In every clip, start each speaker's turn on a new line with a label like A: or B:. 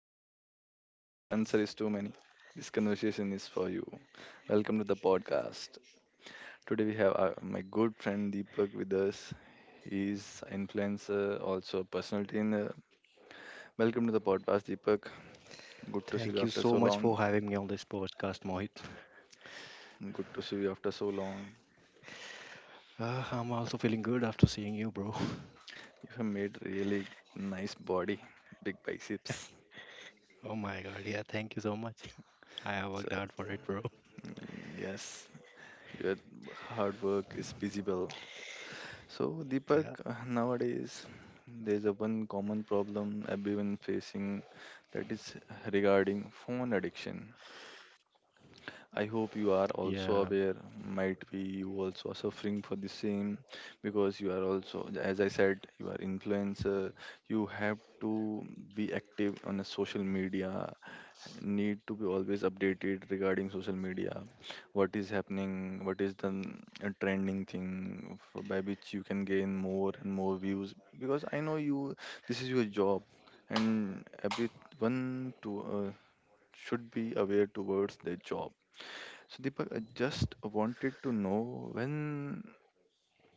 A: phone. If the answer is too many, this conversation is for you. Welcome to the podcast. Today we have my good friend Deepak with us. He's an influencer, also a personal trainer. Welcome to the podcast, Deepak. Good to see
B: Thank
A: you
B: you
A: after
B: so
A: so
B: much for
A: long.
B: having me on this podcast, Mohit.
A: Good to see you after so long.
B: I'm also feeling good after seeing you, bro.
A: You have made really nice body, big biceps.
B: Oh my god, yeah, thank you so much. I have worked
A: So
B: hard for it, bro.
A: yes, your hard work is visible. So, Deepak,
B: Yeah,
A: nowadays there's a one common problem everyone facing, that is regarding phone addiction. I hope you
B: yeah.
A: are also aware, might be you also are suffering for the same, because you are also, as I said, you are influencer. You have to be active on a social media, need to be always updated regarding social media, what is happening, what is the trending thing by which you can gain more and more views, because I know you, this is your job, and everyone to should be aware towards their job. So Deepak, I just wanted to know when,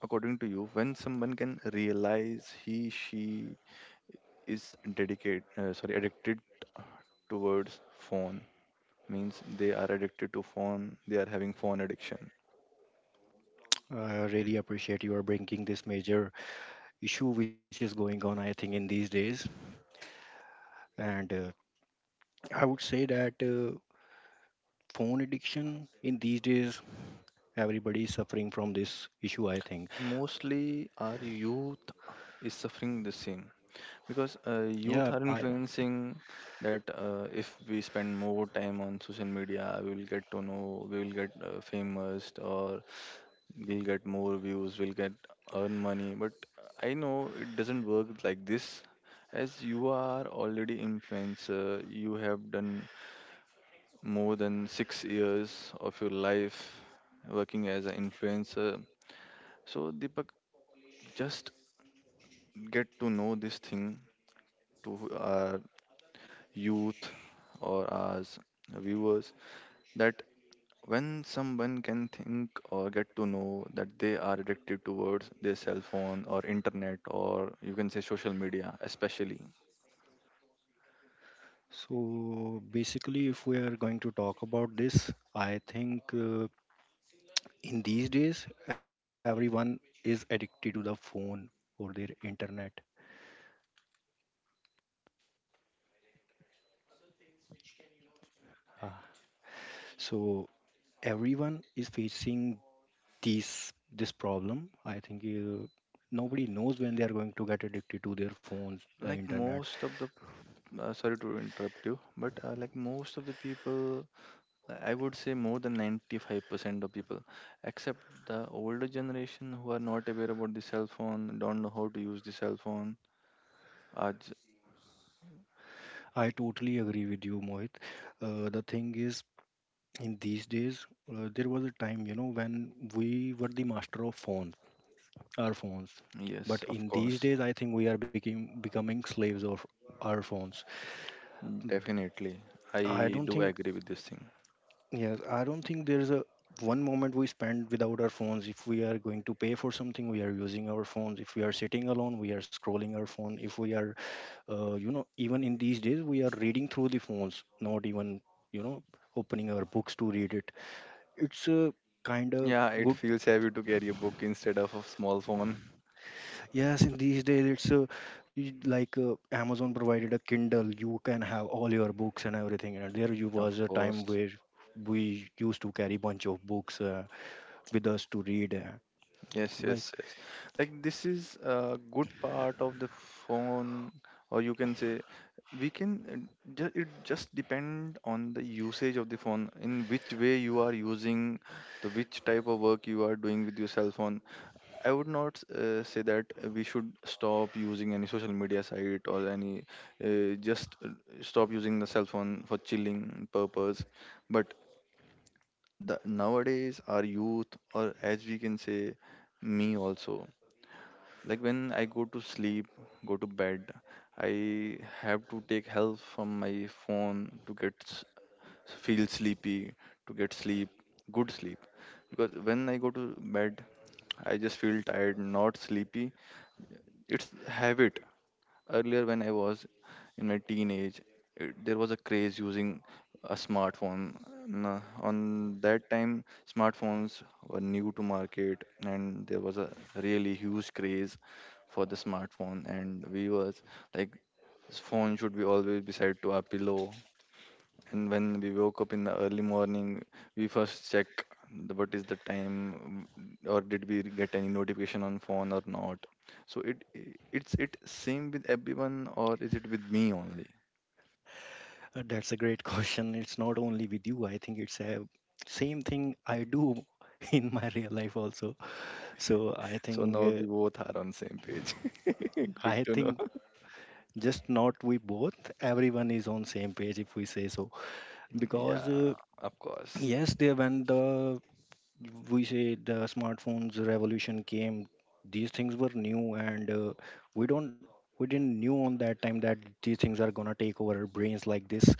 A: according to you, when someone can realize he she is dedicated sorry addicted towards phone, means they are addicted to phone, they are having phone addiction.
B: I really appreciate you are bringing this major issue which is going on, I think, in these days. And I would say that phone addiction in these days, everybody is suffering from this issue, I think.
A: Mostly our youth is suffering the same, because
B: Yeah, I
A: youth are influencing that if we spend more time on social media we will get to know, we will get famous, or we'll get more views, we'll get earn money, but I know it doesn't work like this. As you are already influencer, you have done more than 6 years of your life working as an influencer. So, Deepak, just get to know this thing to our youth, or as viewers, that when someone can think or get to know that they are addicted towards their cell phone or internet, or you can say social media, especially
B: so basically, if we are going to talk about this, I think. In these days everyone is addicted to the phone or their internet. Ah, so everyone is facing this this problem, I think. Nobody knows when they are going to get addicted to their phones, the
A: like
B: internet.
A: most of the sorry to interrupt you, but like most of the people, I would say more than 95% of people, except the older generation who are not aware about the cell phone, don't know how to use the cell phone. Are j-
B: I totally agree with you, Mohit. The thing is, in these days, there was a time, you know, when we were the master of phones, our phones. But
A: yes, of
B: in these
A: course,
B: days I think we are becoming slaves of our phones.
A: definitely. I
B: I don't
A: do
B: think
A: agree with this thing.
B: Yes, I don't think there's a one moment we spend without our phones. If we are going to pay for something, we are using our phones. If we are sitting alone, we are scrolling our phone. If we are, even in these days, we are reading through the phones, not even, you know, opening our books to read it. It's a kind of
A: Yeah, it
B: good.
A: feels heavy to carry a book instead of a small phone.
B: Yes, in these days, it's a, y- like Amazon provided a Kindle. You can have all your books and everything. And there you
A: Of
B: was a time
A: course.
B: where we used to carry bunch of books with us to read.
A: Yes,
B: Like
A: yes, yes. Like this is a good part of the phone, or you can say we can, just it just depend on the usage of the phone, in which way you are using, the which type of work you are doing with your cell phone. I would not say that we should stop using any social media site or any, just stop using the cell phone for chilling purpose. But the nowadays our youth, or as we can say, me also. Like when I go to sleep, go to bed, I have to take help from my phone to get feel sleepy, to get sleep, good sleep. Because when I go to bed, I just feel tired, not sleepy. It's habit. Earlier, when I was in my teenage, there was a craze using a smartphone. On that time, smartphones were new to market, and there was a really huge craze for the smartphone. And we was like, phone should be always beside to our pillow, and when we woke up in the early morning, we first check what is the time, or did we get any notification on phone or not. So it I- it's it same with everyone, or is it with me only?
B: that's a great question. It's not only with you. I think it's a same thing I do in my real life also. So I
A: So
B: think
A: now we
B: uh,
A: both are on same page. Good
B: I
A: to know.
B: think just not we both. Everyone is on same page if we say so. Because
A: Yeah, of course.
B: yes, there when the we say the smartphones revolution came, these things were new and we don't we didn't knew on that time that these things are gonna take over our brains like this.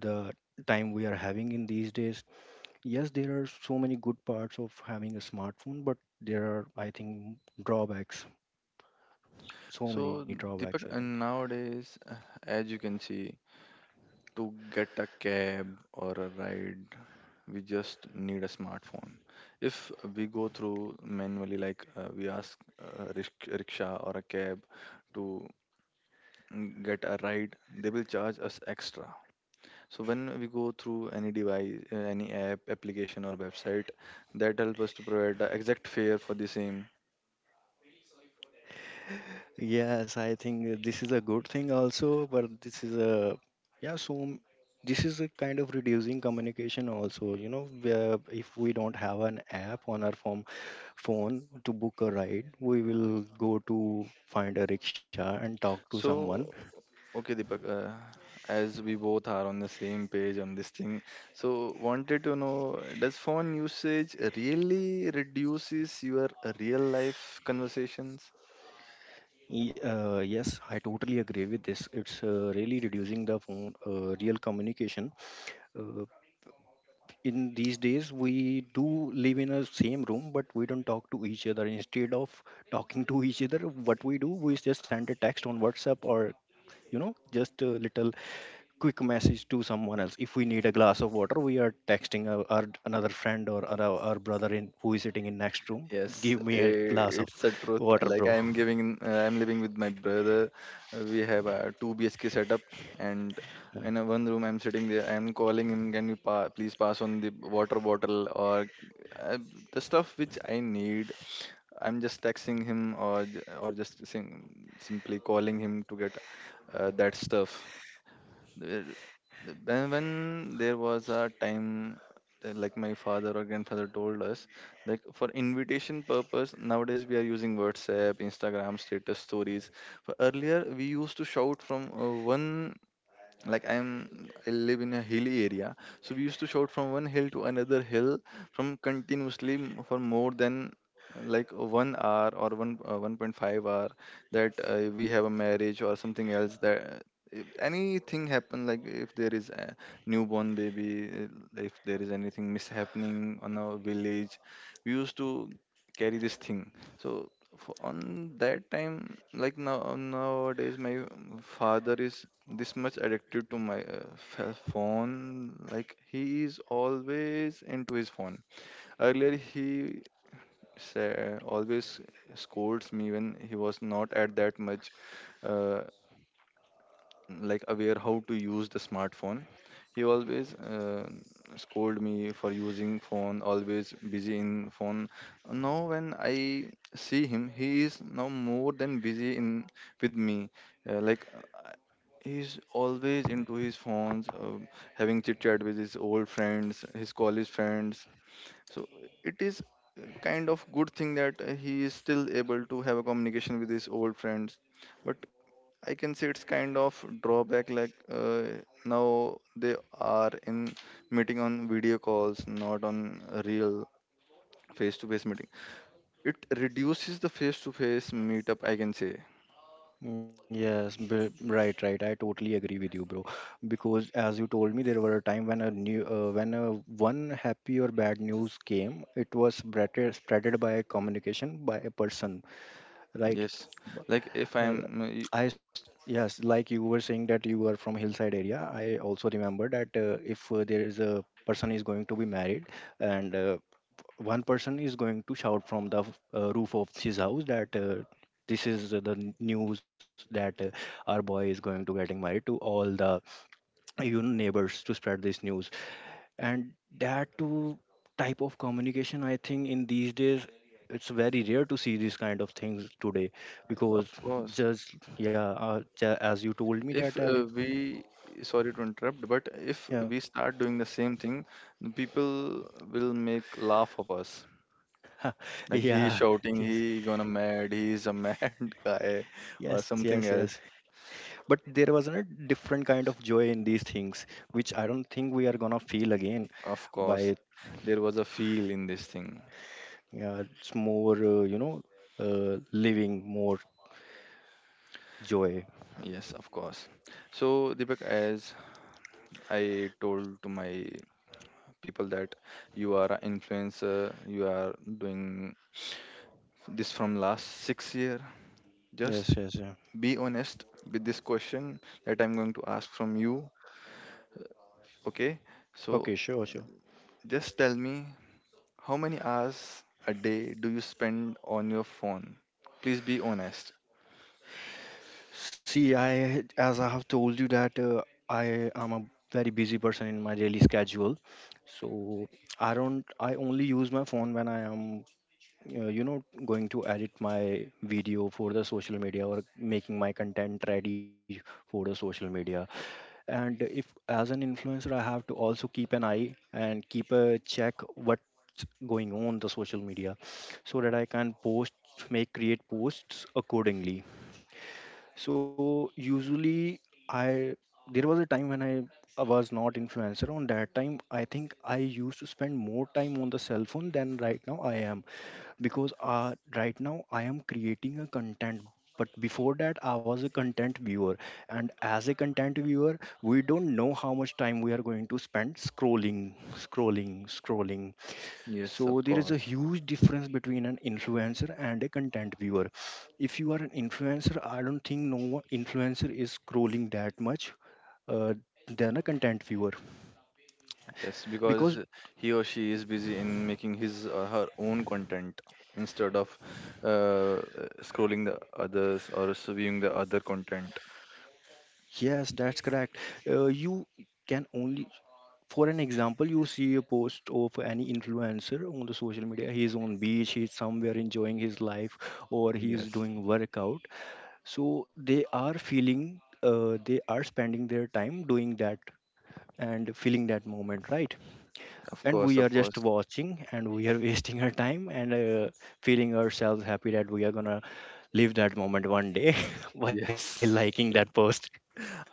B: The time we are having in these days, yes, there are so many good parts of having a smartphone, but there are, I think, drawbacks. So many
A: So
B: drawbacks, I
A: Deepak,
B: think.
A: and nowadays, as you can see, to get a cab or a ride we just need a smartphone. If we go through manually, like we ask a rickshaw or a cab to get a ride, they will charge us extra. So when we go through any device, any application or website, that help us to provide the exact fare for the same.
B: Yes, I think this is a good thing also, but this is a, yeah, so m- this is a kind of reducing communication also. You know, where if we don't have an app on our phone, phone to book a ride, we will go to find a rickshaw and talk to someone.
A: So okay, Deepak, as we both are on the same page on this thing, so wanted to know, does phone usage really reduces your real life conversations?
B: Yes, I totally agree with this. It's really reducing the phone, real communication. uh, in these days we do live in a same room but we don't talk to each other, instead of talking to each other what we do, we just send a text on WhatsApp or, you know, just a little quick message to someone else. If we need a glass of water, we are texting our another friend or our brother in who is sitting in next room.
A: Yes,
B: Give me a glass of
A: it's a truth.
B: water,
A: Like
B: bro.
A: I'm living with my brother. We have a two BHK setup, and in a one room, I'm sitting there. I'm calling him, can you pa please pass on the water bottle, or uh, the stuff which I need. I'm just texting him, or or just simply calling him to get that stuff. There- When, there was a time that, like my father or grandfather told us, like for invitation purpose nowadays we are using WhatsApp, Instagram status, stories, but earlier we used to shout from one, like I live in a hilly area, so we used to shout from one hill to another hill, from continuously for more than like 1 hour, or one 1.5 hour, that we have a marriage or something else. That if anything happen, like if there is a newborn baby, if there is anything mishappening on our village, we used to carry this thing. So on that time, like now nowadays my father is this much addicted to my phone, like he is always into his phone. Earlier he always scolds me when he was not at that much, uh, like, aware how to use the smartphone. He always scold me for using phone, always busy in phone. Now when I see him, he is now more than busy in with me, uh, like uh, he's always into his phones, having chit chat with his old friends, his college friends. So it is kind of good thing that he is still able to have a communication with his old friends. But I can say it's kind of drawback, like now they are in meeting on video calls, not on real face-to-face meeting. It reduces the face-to-face meetup, I can say.
B: Yes, right, right. I totally agree with you, bro. Because as you told me, there were a time when a one happy or bad news came, it was spreaded by communication by a person, right?
A: Yes, like if
B: Uh,
A: I'm, y-
B: yes, like you were saying that you are from hillside area. I also remember that, if there is a person is going to be married and one person is going to shout from the roof of his house that this is the news that our boy is going to getting married to all the you know, neighbors to spread this news. And that too type of communication, I think in these days it's very rare to see these kind of things today,
A: yes, of
B: because
A: course,
B: as you told me that
A: if
B: every
A: we, sorry to interrupt, but if
B: yeah.
A: we start doing the same thing, people will make laugh of us. Like he
B: Yeah.
A: shouting,
B: yes
A: he gonna mad, he's a mad guy, or
B: yes yes
A: something
B: yes
A: else.
B: But there was a different kind of joy in these things, which I don't think we are gonna feel again
A: Of
B: by,
A: course, there was a feel in this thing.
B: it's more, living more joy.
A: Yes, of course. So, Deepak, as I told to my people that you are an influencer, you are doing this from last 6 year.
B: Yes,
A: Just
B: yes, yeah.
A: be honest with this question that I'm going to ask from you. Okay? So,
B: Okay, sure, sure.
A: just tell me, how many hours a day do you spend on your phone? Please be honest.
B: See, I as I have told you that, I am a very busy person in my daily schedule. So I don't I only use my phone when I am, uh, you know going to edit my video for the social media, or making my content ready for the social media. And if, as an influencer, I have to also keep an eye and keep a check what's going on the social media so that I can post, make create posts accordingly. So usually, I, there was a time when I was not influencer. On that time, I think I used to spend more time on the cell phone than right now I am, because right now I am creating a content. But before that, I was a content viewer, and as a content viewer, we don't know how much time we are going to spend scrolling, scrolling, scrolling.
A: Yes,
B: So
A: of
B: there is a
A: course.
B: huge difference between an influencer and a content viewer. If you are an influencer, I don't think no influencer is scrolling that much uh, than a content viewer,
A: Yes,
B: because
A: because he or she is busy in making his or her own content instead of uh, scrolling the others or viewing the other content.
B: yes, that's correct. You can only, for an example, you see a post of any influencer on the social media. He is on beach, he's somewhere enjoying his life, or he is
A: Yes,
B: doing workout. So they are feeling, they are spending their time doing that and feeling that moment, right?
A: of
B: And
A: course,
B: we
A: of
B: are just
A: course.
B: watching and we are wasting our time, and feeling ourselves happy that we are gonna live that moment one day while liking
A: Yes.
B: that post.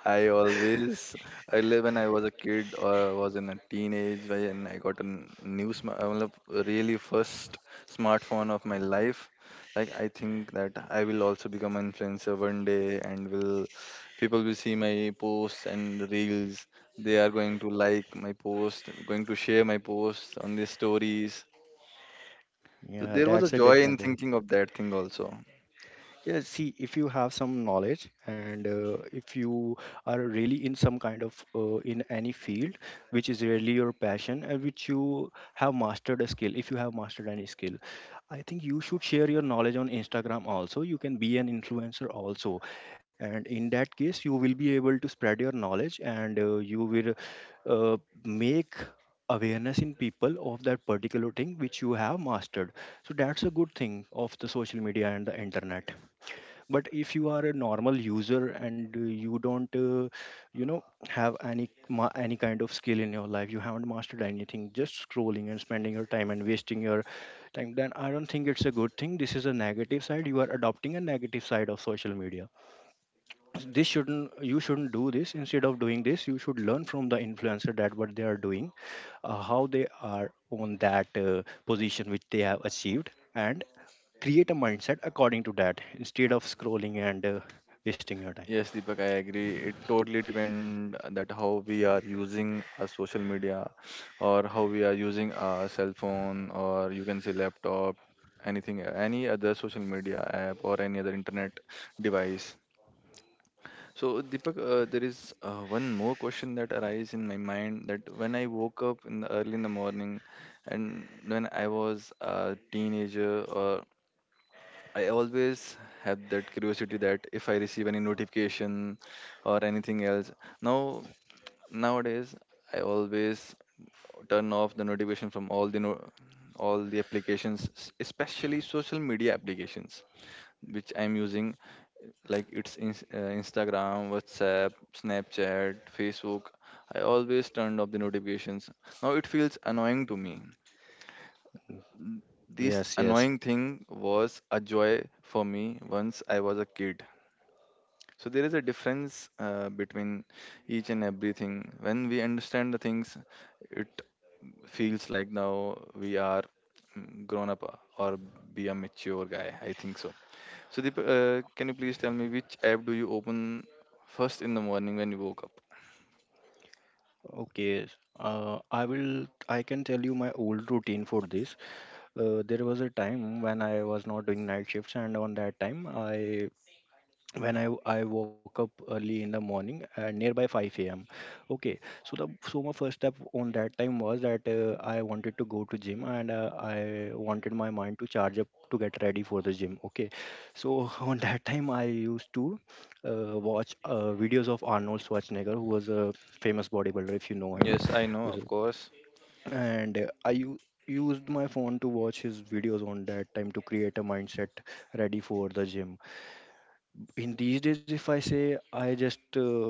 A: I always, earlier when I was a kid or was in a teenage, when I got a new, really first smartphone of my life, like I think that I will also become an influencer one day, and will people will see my posts and reels. They are going to like my post, going to share my posts on their stories. So
B: Yeah,
A: there was a
B: that's a
A: joy in
B: different way.
A: thinking of that thing also.
B: Yeah, see, if you have some knowledge, and if you are really in some kind of in any field which is really your passion and which you have mastered a skill, if you have mastered any skill, I think you should share your knowledge on Instagram also. You can be an influencer also. And in that case, you will be able to spread your knowledge, and you will uh, make awareness in people of that particular thing which you have mastered. So that's a good thing of the social media and the internet. But if you are a normal user, and you don't you know have any any kind of skill in your life, you haven't mastered anything, just scrolling and spending your time and wasting your time, then I don't think it's a good thing. This is a negative side, you are adopting a negative side of social media. This shouldn't you shouldn't do this. Instead of doing this, you should learn from the influencer that what they are doing, how they are on that position which they have achieved, and create a mindset according to that instead of scrolling and wasting your time.
A: Yes, Deepak, I agree. It totally depend that how we are using our social media, or how we are using our cell phone, or you can say laptop, anything, any other social media app or any other internet device. So, Deepak, there is one more question that arises in my mind, that when I woke up in the early in the morning, and when I was a teenager, or I always have that curiosity that if I receive any notification or anything else. Now nowadays I always turn off the notification from all the all the applications, especially social media applications which I'm using, like it's in, Instagram, WhatsApp, Snapchat, Facebook. I always turned off the notifications. Now it feels annoying to me. This
B: Yes, yes.
A: annoying thing was a joy for me once I was a kid. So there is a difference between each and everything. When we understand the things, it feels like now we are grown up, or be a mature guy. I think so. So can you please tell me which app do you open first in the morning when you woke up?
B: Okay, I will, I can tell you my old routine for this. There was a time when I was not doing night shifts, and on that time, I when I woke up early in the morning nearby 5 a.m. Okay, so the so my first step on that time was that, I wanted to go to gym, and I wanted my mind to charge up to get ready for the gym. Okay, so on that time I used to watch videos of Arnold Schwarzenegger, who was a famous bodybuilder, if you know him,
A: Yes, I know,
B: who's
A: of
B: a-
A: course.
B: and used my phone to watch his videos on that time to create a mindset ready for the gym. In these days, if I say, i just uh,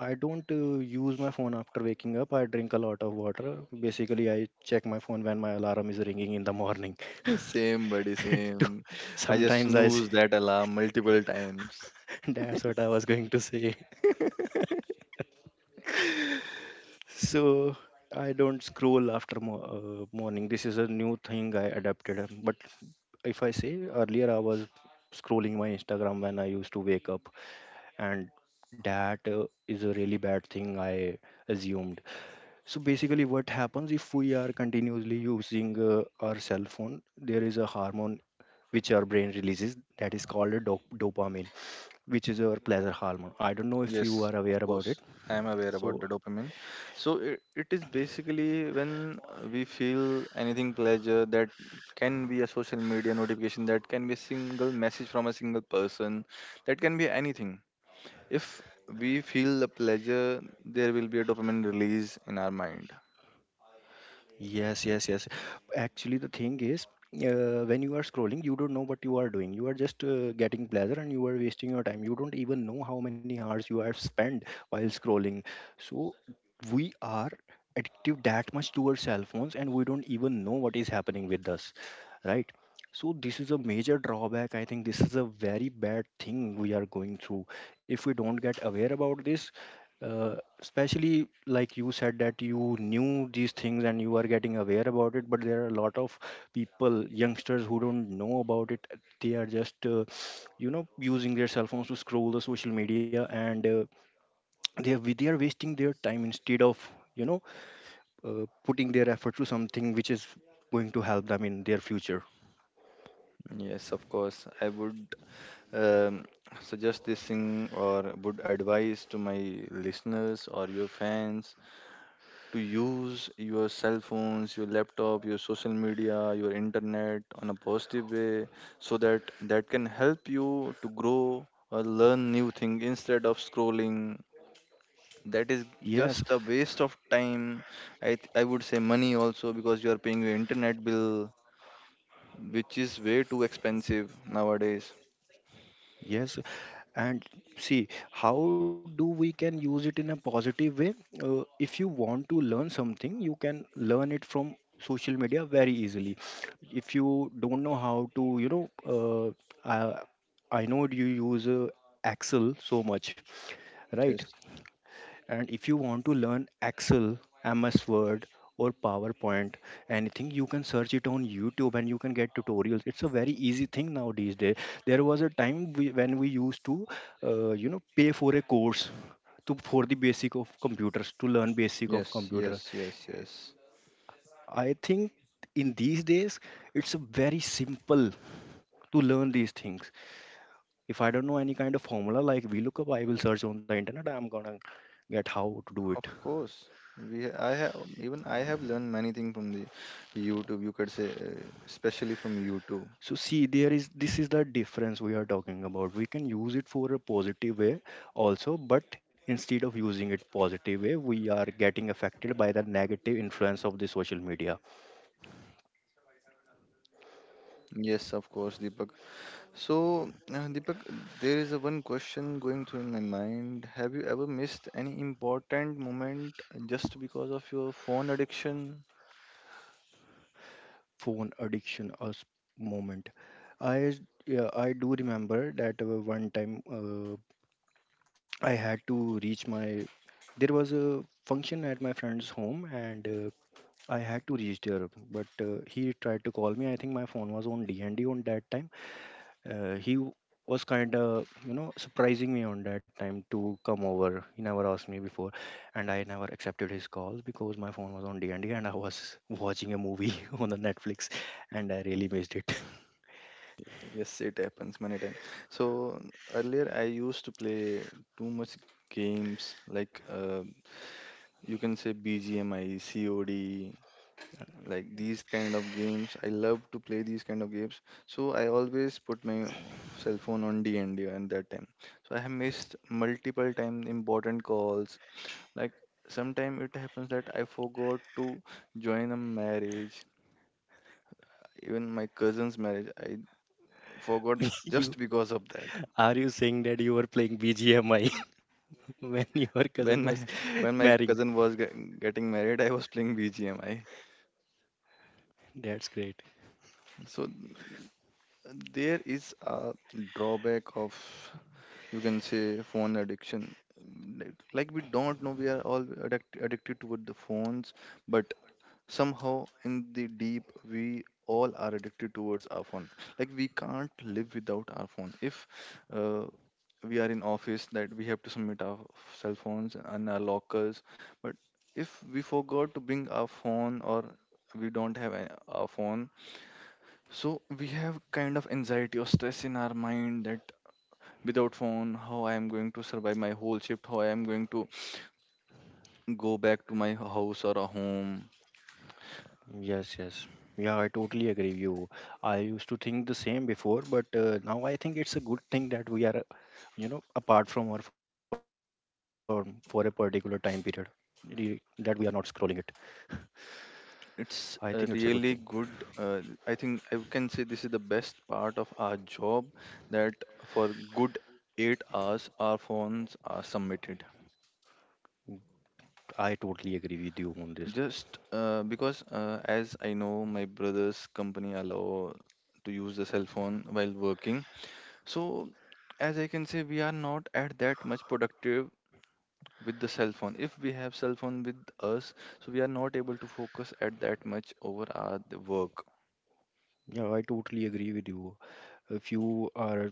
B: i don't uh, use my phone after waking up. I drink a lot of water, basically. I check my phone when my alarm is ringing in the morning.
A: Yes, same, buddy,
B: To,
A: same. I just
B: sometimes i s-
A: snooze that alarm multiple times.
B: that's what I was going to say. So I don't scroll after morning. This is a new thing I adapted, but if I say, earlier I was scrolling my Instagram when I used to wake up, and that is a really bad thing I assumed. So basically, what happens if we are continuously using our cell phone? There is a hormone which our brain releases, that is called a dopamine, which is our pleasure hormone. I don't know if you
A: Yes,
B: are aware
A: of
B: about
A: course.
B: it.
A: I am aware
B: So
A: about the dopamine. So it is basically when we feel anything pleasure that can be a social media notification, that can be a single message from a single person, that can be anything. If we feel the pleasure, there will be a dopamine release in our mind.
B: yes, yes, yes. Actually, the thing is, when you are scrolling, you don't know what you are doing. You are just getting pleasure and you are wasting your time. You don't even know how many hours you have spent while scrolling. So, we are addictive that much to our cell phones and we don't even know what is happening with us, right? So, this is a major drawback. I think this is a very bad thing we are going through. If we don't get aware about this, especially like you said that you knew these things and you are getting aware about it, but there are a lot of people, youngsters who don't know about it. They are just, using their cell phones to scroll the social media, and they are wasting their time instead of, putting their effort to something which is going to help them in their future.
A: Yes, of course. I would um, suggest this thing or would advise to my listeners or your fans to use your cell phones, your laptop, your social media, your internet on a positive way so that that can help you to grow or learn new thing instead of scrolling that is
B: Yes,
A: just a waste of time. I would say money also, because you are paying your internet bill which is way too expensive nowadays.
B: yes. And see how do we can use it in a positive way. If you want to learn something, you can learn it from social media very easily. If you don't know how to, I, I know you use Excel so much, right?
A: Yes,
B: And if you want to learn Excel, MS Word, or PowerPoint, anything, you can search it on YouTube and you can get tutorials. It's a very easy thing nowadays. There was a time when we used to, pay for a course to for the basic of computers to learn basic of
A: yes,
B: computer.
A: yes, yes, yes.
B: I think in these days it's very simple to learn these things. If I don't know any kind of formula like VLOOKUP, I will search on the internet. I'm gonna get how to do it.
A: Of course, I have, even I have learned many things from the YouTube. You could say, especially from YouTube.
B: So see, there is this is the difference we are talking about. We can use it for a positive way also, but instead of using it positive way, we are getting affected by the negative influence of the social media.
A: Yes, of course, Deepak. So, Deepak, there is a one question going through in my mind. Have you ever missed any important moment just because of your phone addiction?
B: Phone addiction us moment. I Yeah, I do remember that one time, I had to reach my. There was a function at my friend's home, and I had to reach there. But he tried to call me. I think my phone was on D and D on that time. uh, he w- was kind of, you know, surprising me on that time to come over. He never asked me before, and I never accepted his calls because my phone was on d&d and D, and I was watching a movie on the netflix, and I really missed it.
A: Yes, it happens many times. So earlier I used to play too much games like you can say BGMI, COD. Like these kind of games, I love to play these kind of games. So I always put my cell phone on dnd and D at that time. So I have missed multiple time important calls, like sometime it happens that I forgot to join a marriage. Even my cousin's marriage I forgot,
B: you
A: just because of that.
B: Are you saying that you were playing bgmi when your cousin was
A: When my when
B: marrying?
A: my cousin was getting married, I was playing bgmi.
B: That's great.
A: So there is a drawback of, you can say, phone addiction. Like we don't know, we are all addicted toward the phones, but somehow in the deep we all are addicted towards our phone. Like we can't live without our phone. If uh, we are in office, that we have to submit our cell phones and our lockers. But if we forgot to bring our phone, or we don't have our phone, so we have kind of anxiety or stress in our mind, that without phone how I am going to survive my whole shift, how I am going to go back to my house or a home.
B: Yes, yes. Yeah, I totally agree with you. I used to think the same before, but now I think it's a good thing that we are, you know, apart from our firm for a particular time period, that we are not scrolling it. I think it's a
A: It's
B: good thing.
A: a really good, I think I can say this is the best part of our job, that for good 8 hours our phones are submitted.
B: I totally agree with you on this.
A: Just because as I know, my brother's company allow to use the cell phone while working. So as I can say, we are not at that much productive with the cell phone. If we have cell phone with us, so we are not able to focus at that much over our the work.
B: Yeah, I totally agree with you. If you are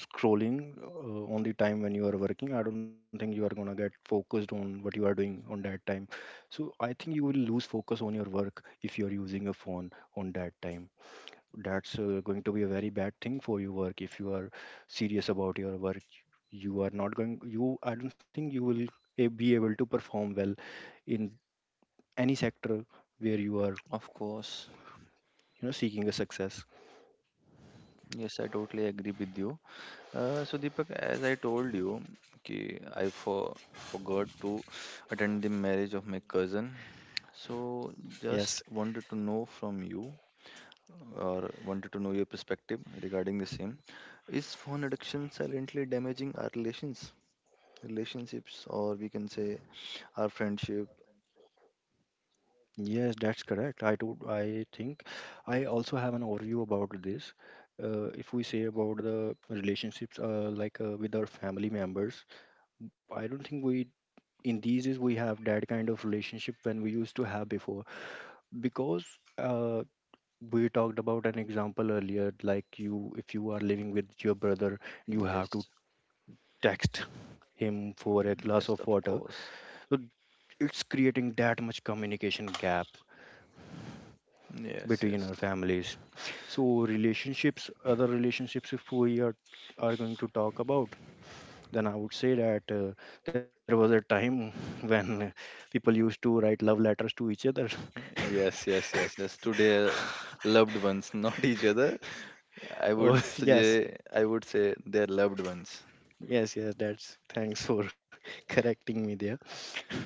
B: scrolling on the time when you are working, I don't think you are going to get focused on what you are doing on that time. So I think you will lose focus on your work if you are using a phone on that time. That's going to be a very bad thing for your work if you are serious about your work. You are not going you I don't think you will be able to perform well in any sector where you are,
A: Of course.
B: you know, seeking a success.
A: Yes, I totally agree with you. So Deepak, as I told you, okay, forgot to attend the marriage of my cousin. So
B: Yes.
A: just wanted to know from you, or wanted to know your perspective regarding the same. Is phone addiction silently damaging our relationships, or we can say our friendship?
B: Yes, that's correct. I do. I think I also have an overview about this. If we say about the relationships, with our family members, I don't think we in these days we have that kind of relationship when we used to have before. Because uh, we talked about an example earlier, like you, if you are living with your brother, you have
A: Yes.
B: to text him for a glass
A: Yes,
B: of
A: of
B: water.
A: course.
B: So it's creating that much communication gap
A: Yes,
B: between our
A: yes.
B: families. So relationships, other relationships, if we are going to talk about, then I would say that there was a time when people used to write love letters to each other.
A: Yes, yes, yes, yes. Today, loved ones, not each other.
B: Oh, yes.
A: I would say their loved ones.
B: Yes. That's, thanks for correcting me there.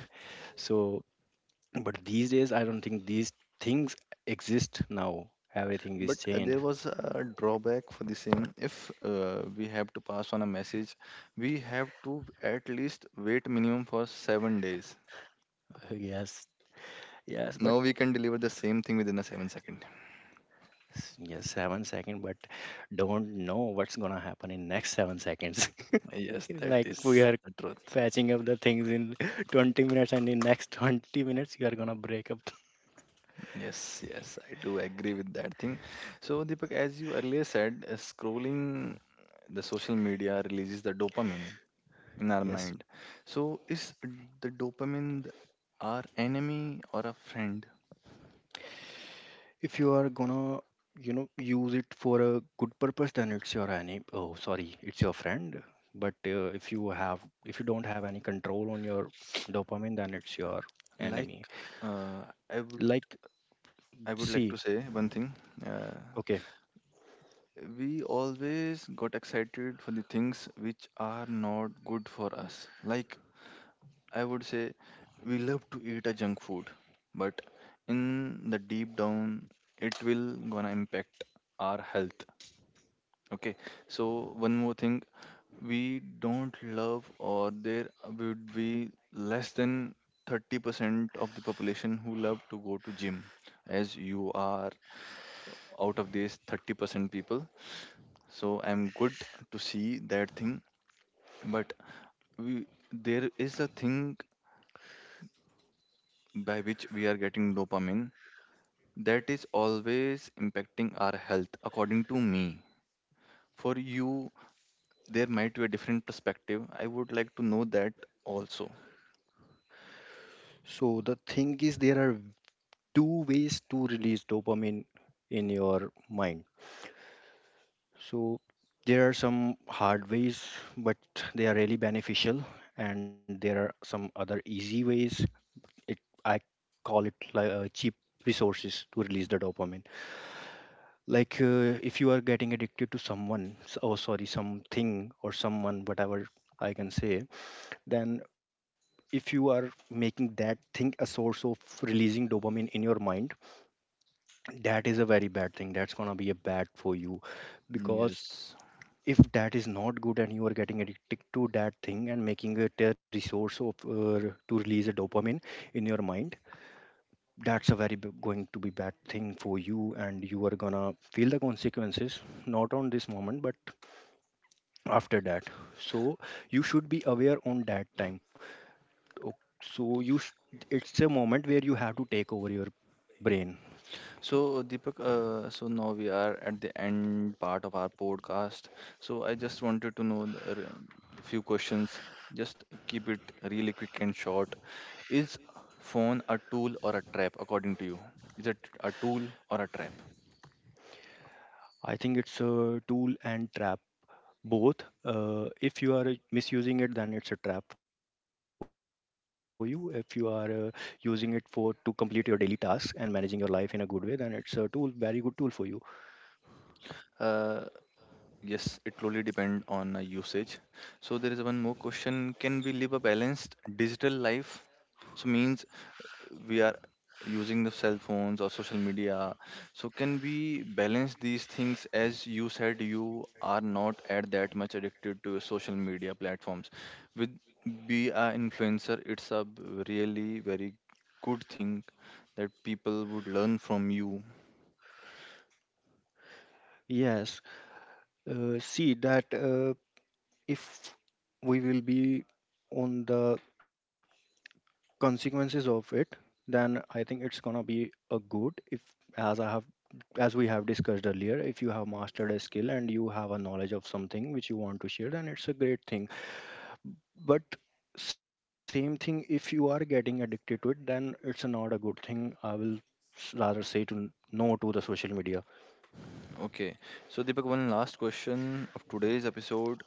B: So, but these days I don't think these things exist now. Everything
A: But
B: is
A: there
B: changed.
A: was a drawback for the same. If we have to pass on a message, we have to at least wait minimum for 7 days.
B: Yes, yes, but
A: Now we can deliver the same thing within a 7 second.
B: S- yes, 7 seconds, but don't know what's gonna happen in next 7 seconds.
A: Yes, that
B: Like we
A: is
B: are
A: the truth.
B: patching up the things in 20 minutes, and in next 20 minutes you are gonna break up.
A: Yes, yes, I do agree with that thing. So, Deepak, as you earlier said, scrolling the social media releases the dopamine in our
B: Yes,
A: mind. So, is the dopamine our enemy or a friend?
B: if you are gonna, you know, use it for a good purpose, then it's your any. Oh, sorry, it's your friend. But if you have, if you don't have any control on your dopamine, then it's your enemy.
A: Like, uh, I would
B: Like,
A: I would like
B: see,
A: to say one thing. Uh,
B: okay.
A: we always got excited for the things which are not good for us. Like I would say we love to eat a junk food, but in the deep down, it will gonna impact our health. Okay, so one more thing, we don't love, or there would be less than 30% of the population who love to go to gym, as you are out of these 30% people. So I'm good to see that thing, but we there is a thing by which we are getting dopamine that is always impacting our health, according to me. For you, there might be a different perspective. I would like to know that also.
B: So the thing is, there are two ways to release dopamine in your mind. So there are some hard ways, but they are really beneficial, and there are some other easy ways. It I call it like cheap resources to release the dopamine. Like if you are getting addicted to someone, oh sorry, something or someone, whatever I can say, then if you are making that thing a source of releasing dopamine in your mind. That is a very bad thing. That's gonna be a bad for you because
A: Yes.
B: if that is not good and you are getting addicted to that thing and making it a resource of to release a dopamine in your mind, that's a very going to be bad thing for you and you are gonna feel the consequences not on this moment but after that. So you should be aware on that time. O- So you sh- it's a moment where you have to take over your brain. Okay,
A: So, Deepak, so now we are at the end part of our podcast. So, I just wanted to know the, few questions. Just keep it really quick and short. Is phone a tool or a trap, according to you? Is it a tool or a trap?
B: I think it's a tool and trap both. If you are misusing it, then it's a trap for you. If you are using it for to complete your daily tasks and managing your life in a good way, then it's a tool, very good tool for you.
A: Uh, Yes, it totally depend on usage. So there is one more question. Can we live a balanced digital life? So means we are using the cell phones or social media. So can we balance these things? As you said, you are not at that much addicted to social media platforms. With be a influencer, it's a really very good thing that people would learn from you.
B: Yes, see that, if we will be on the consequences of it, then I think it's gonna be a good if, as i have as we have discussed earlier, if you have mastered a skill and you have a knowledge of something which you want to share, then it's a great thing. But same thing, if you are getting addicted to it, then it's not a good thing. I will rather say to no to the social media.
A: Okay. So Deepak, one last question of today's episode.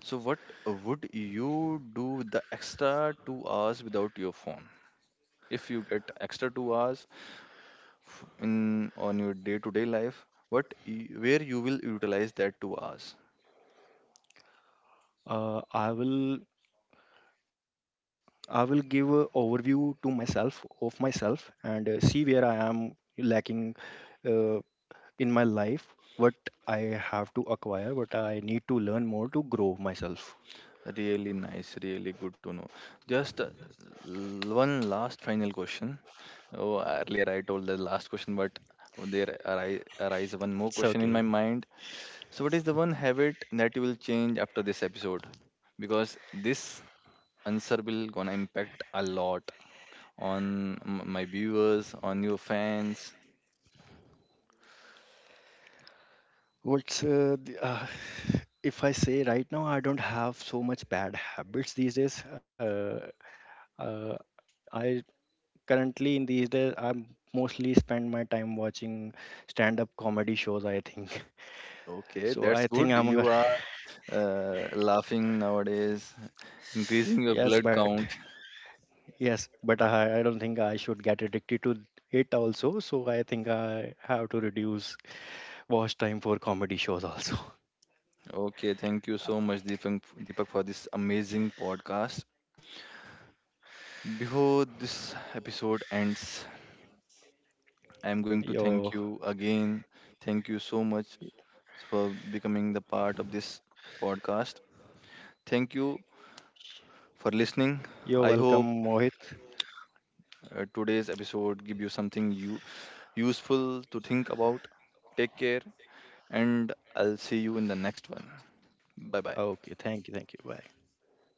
A: So, what would you do the extra 2 hours without your phone? If you get extra 2 hours in on your day-to-day life, where you will utilize that 2 hours?
B: I will, I will give a overview to myself of myself and see where I am lacking uh, in my life, what I have to acquire, what I need to learn more to grow myself.
A: Really nice, really good to know. Just one last final question. Oh, earlier I told the last question, but there arise one more
B: It's
A: question in my
B: okay.
A: mind. So, what is the one habit that you will change after this episode? Because this answer will gonna impact a lot on my viewers, on your fans.
B: What's uh, the, uh, if I say right now, I don't have so much bad habits these days. Uh, Uh, I Currently, in these days, I mostly spend my time watching stand-up comedy shows. I think
A: Okay,
B: so.
A: that's
B: I
A: good.
B: think I'm
A: You
B: gonna
A: are laughing nowadays, increasing your
B: yes,
A: blood
B: but
A: count.
B: yes, but I don't think I should get addicted to it also. So I think I have to reduce watch time for comedy shows also.
A: Okay, thank you so much, Deepak, Deepak, for this amazing podcast. Before this episode ends, I'm going to
B: You're
A: thank you again. Thank you so much for becoming the part of this podcast. Thank you for listening.
B: you're
A: I hope
B: welcome, Mohit.
A: today's episode give you something you useful to think about. Take care, and I'll see you in the next one. Bye bye.
B: Okay, thank you, thank you. Bye.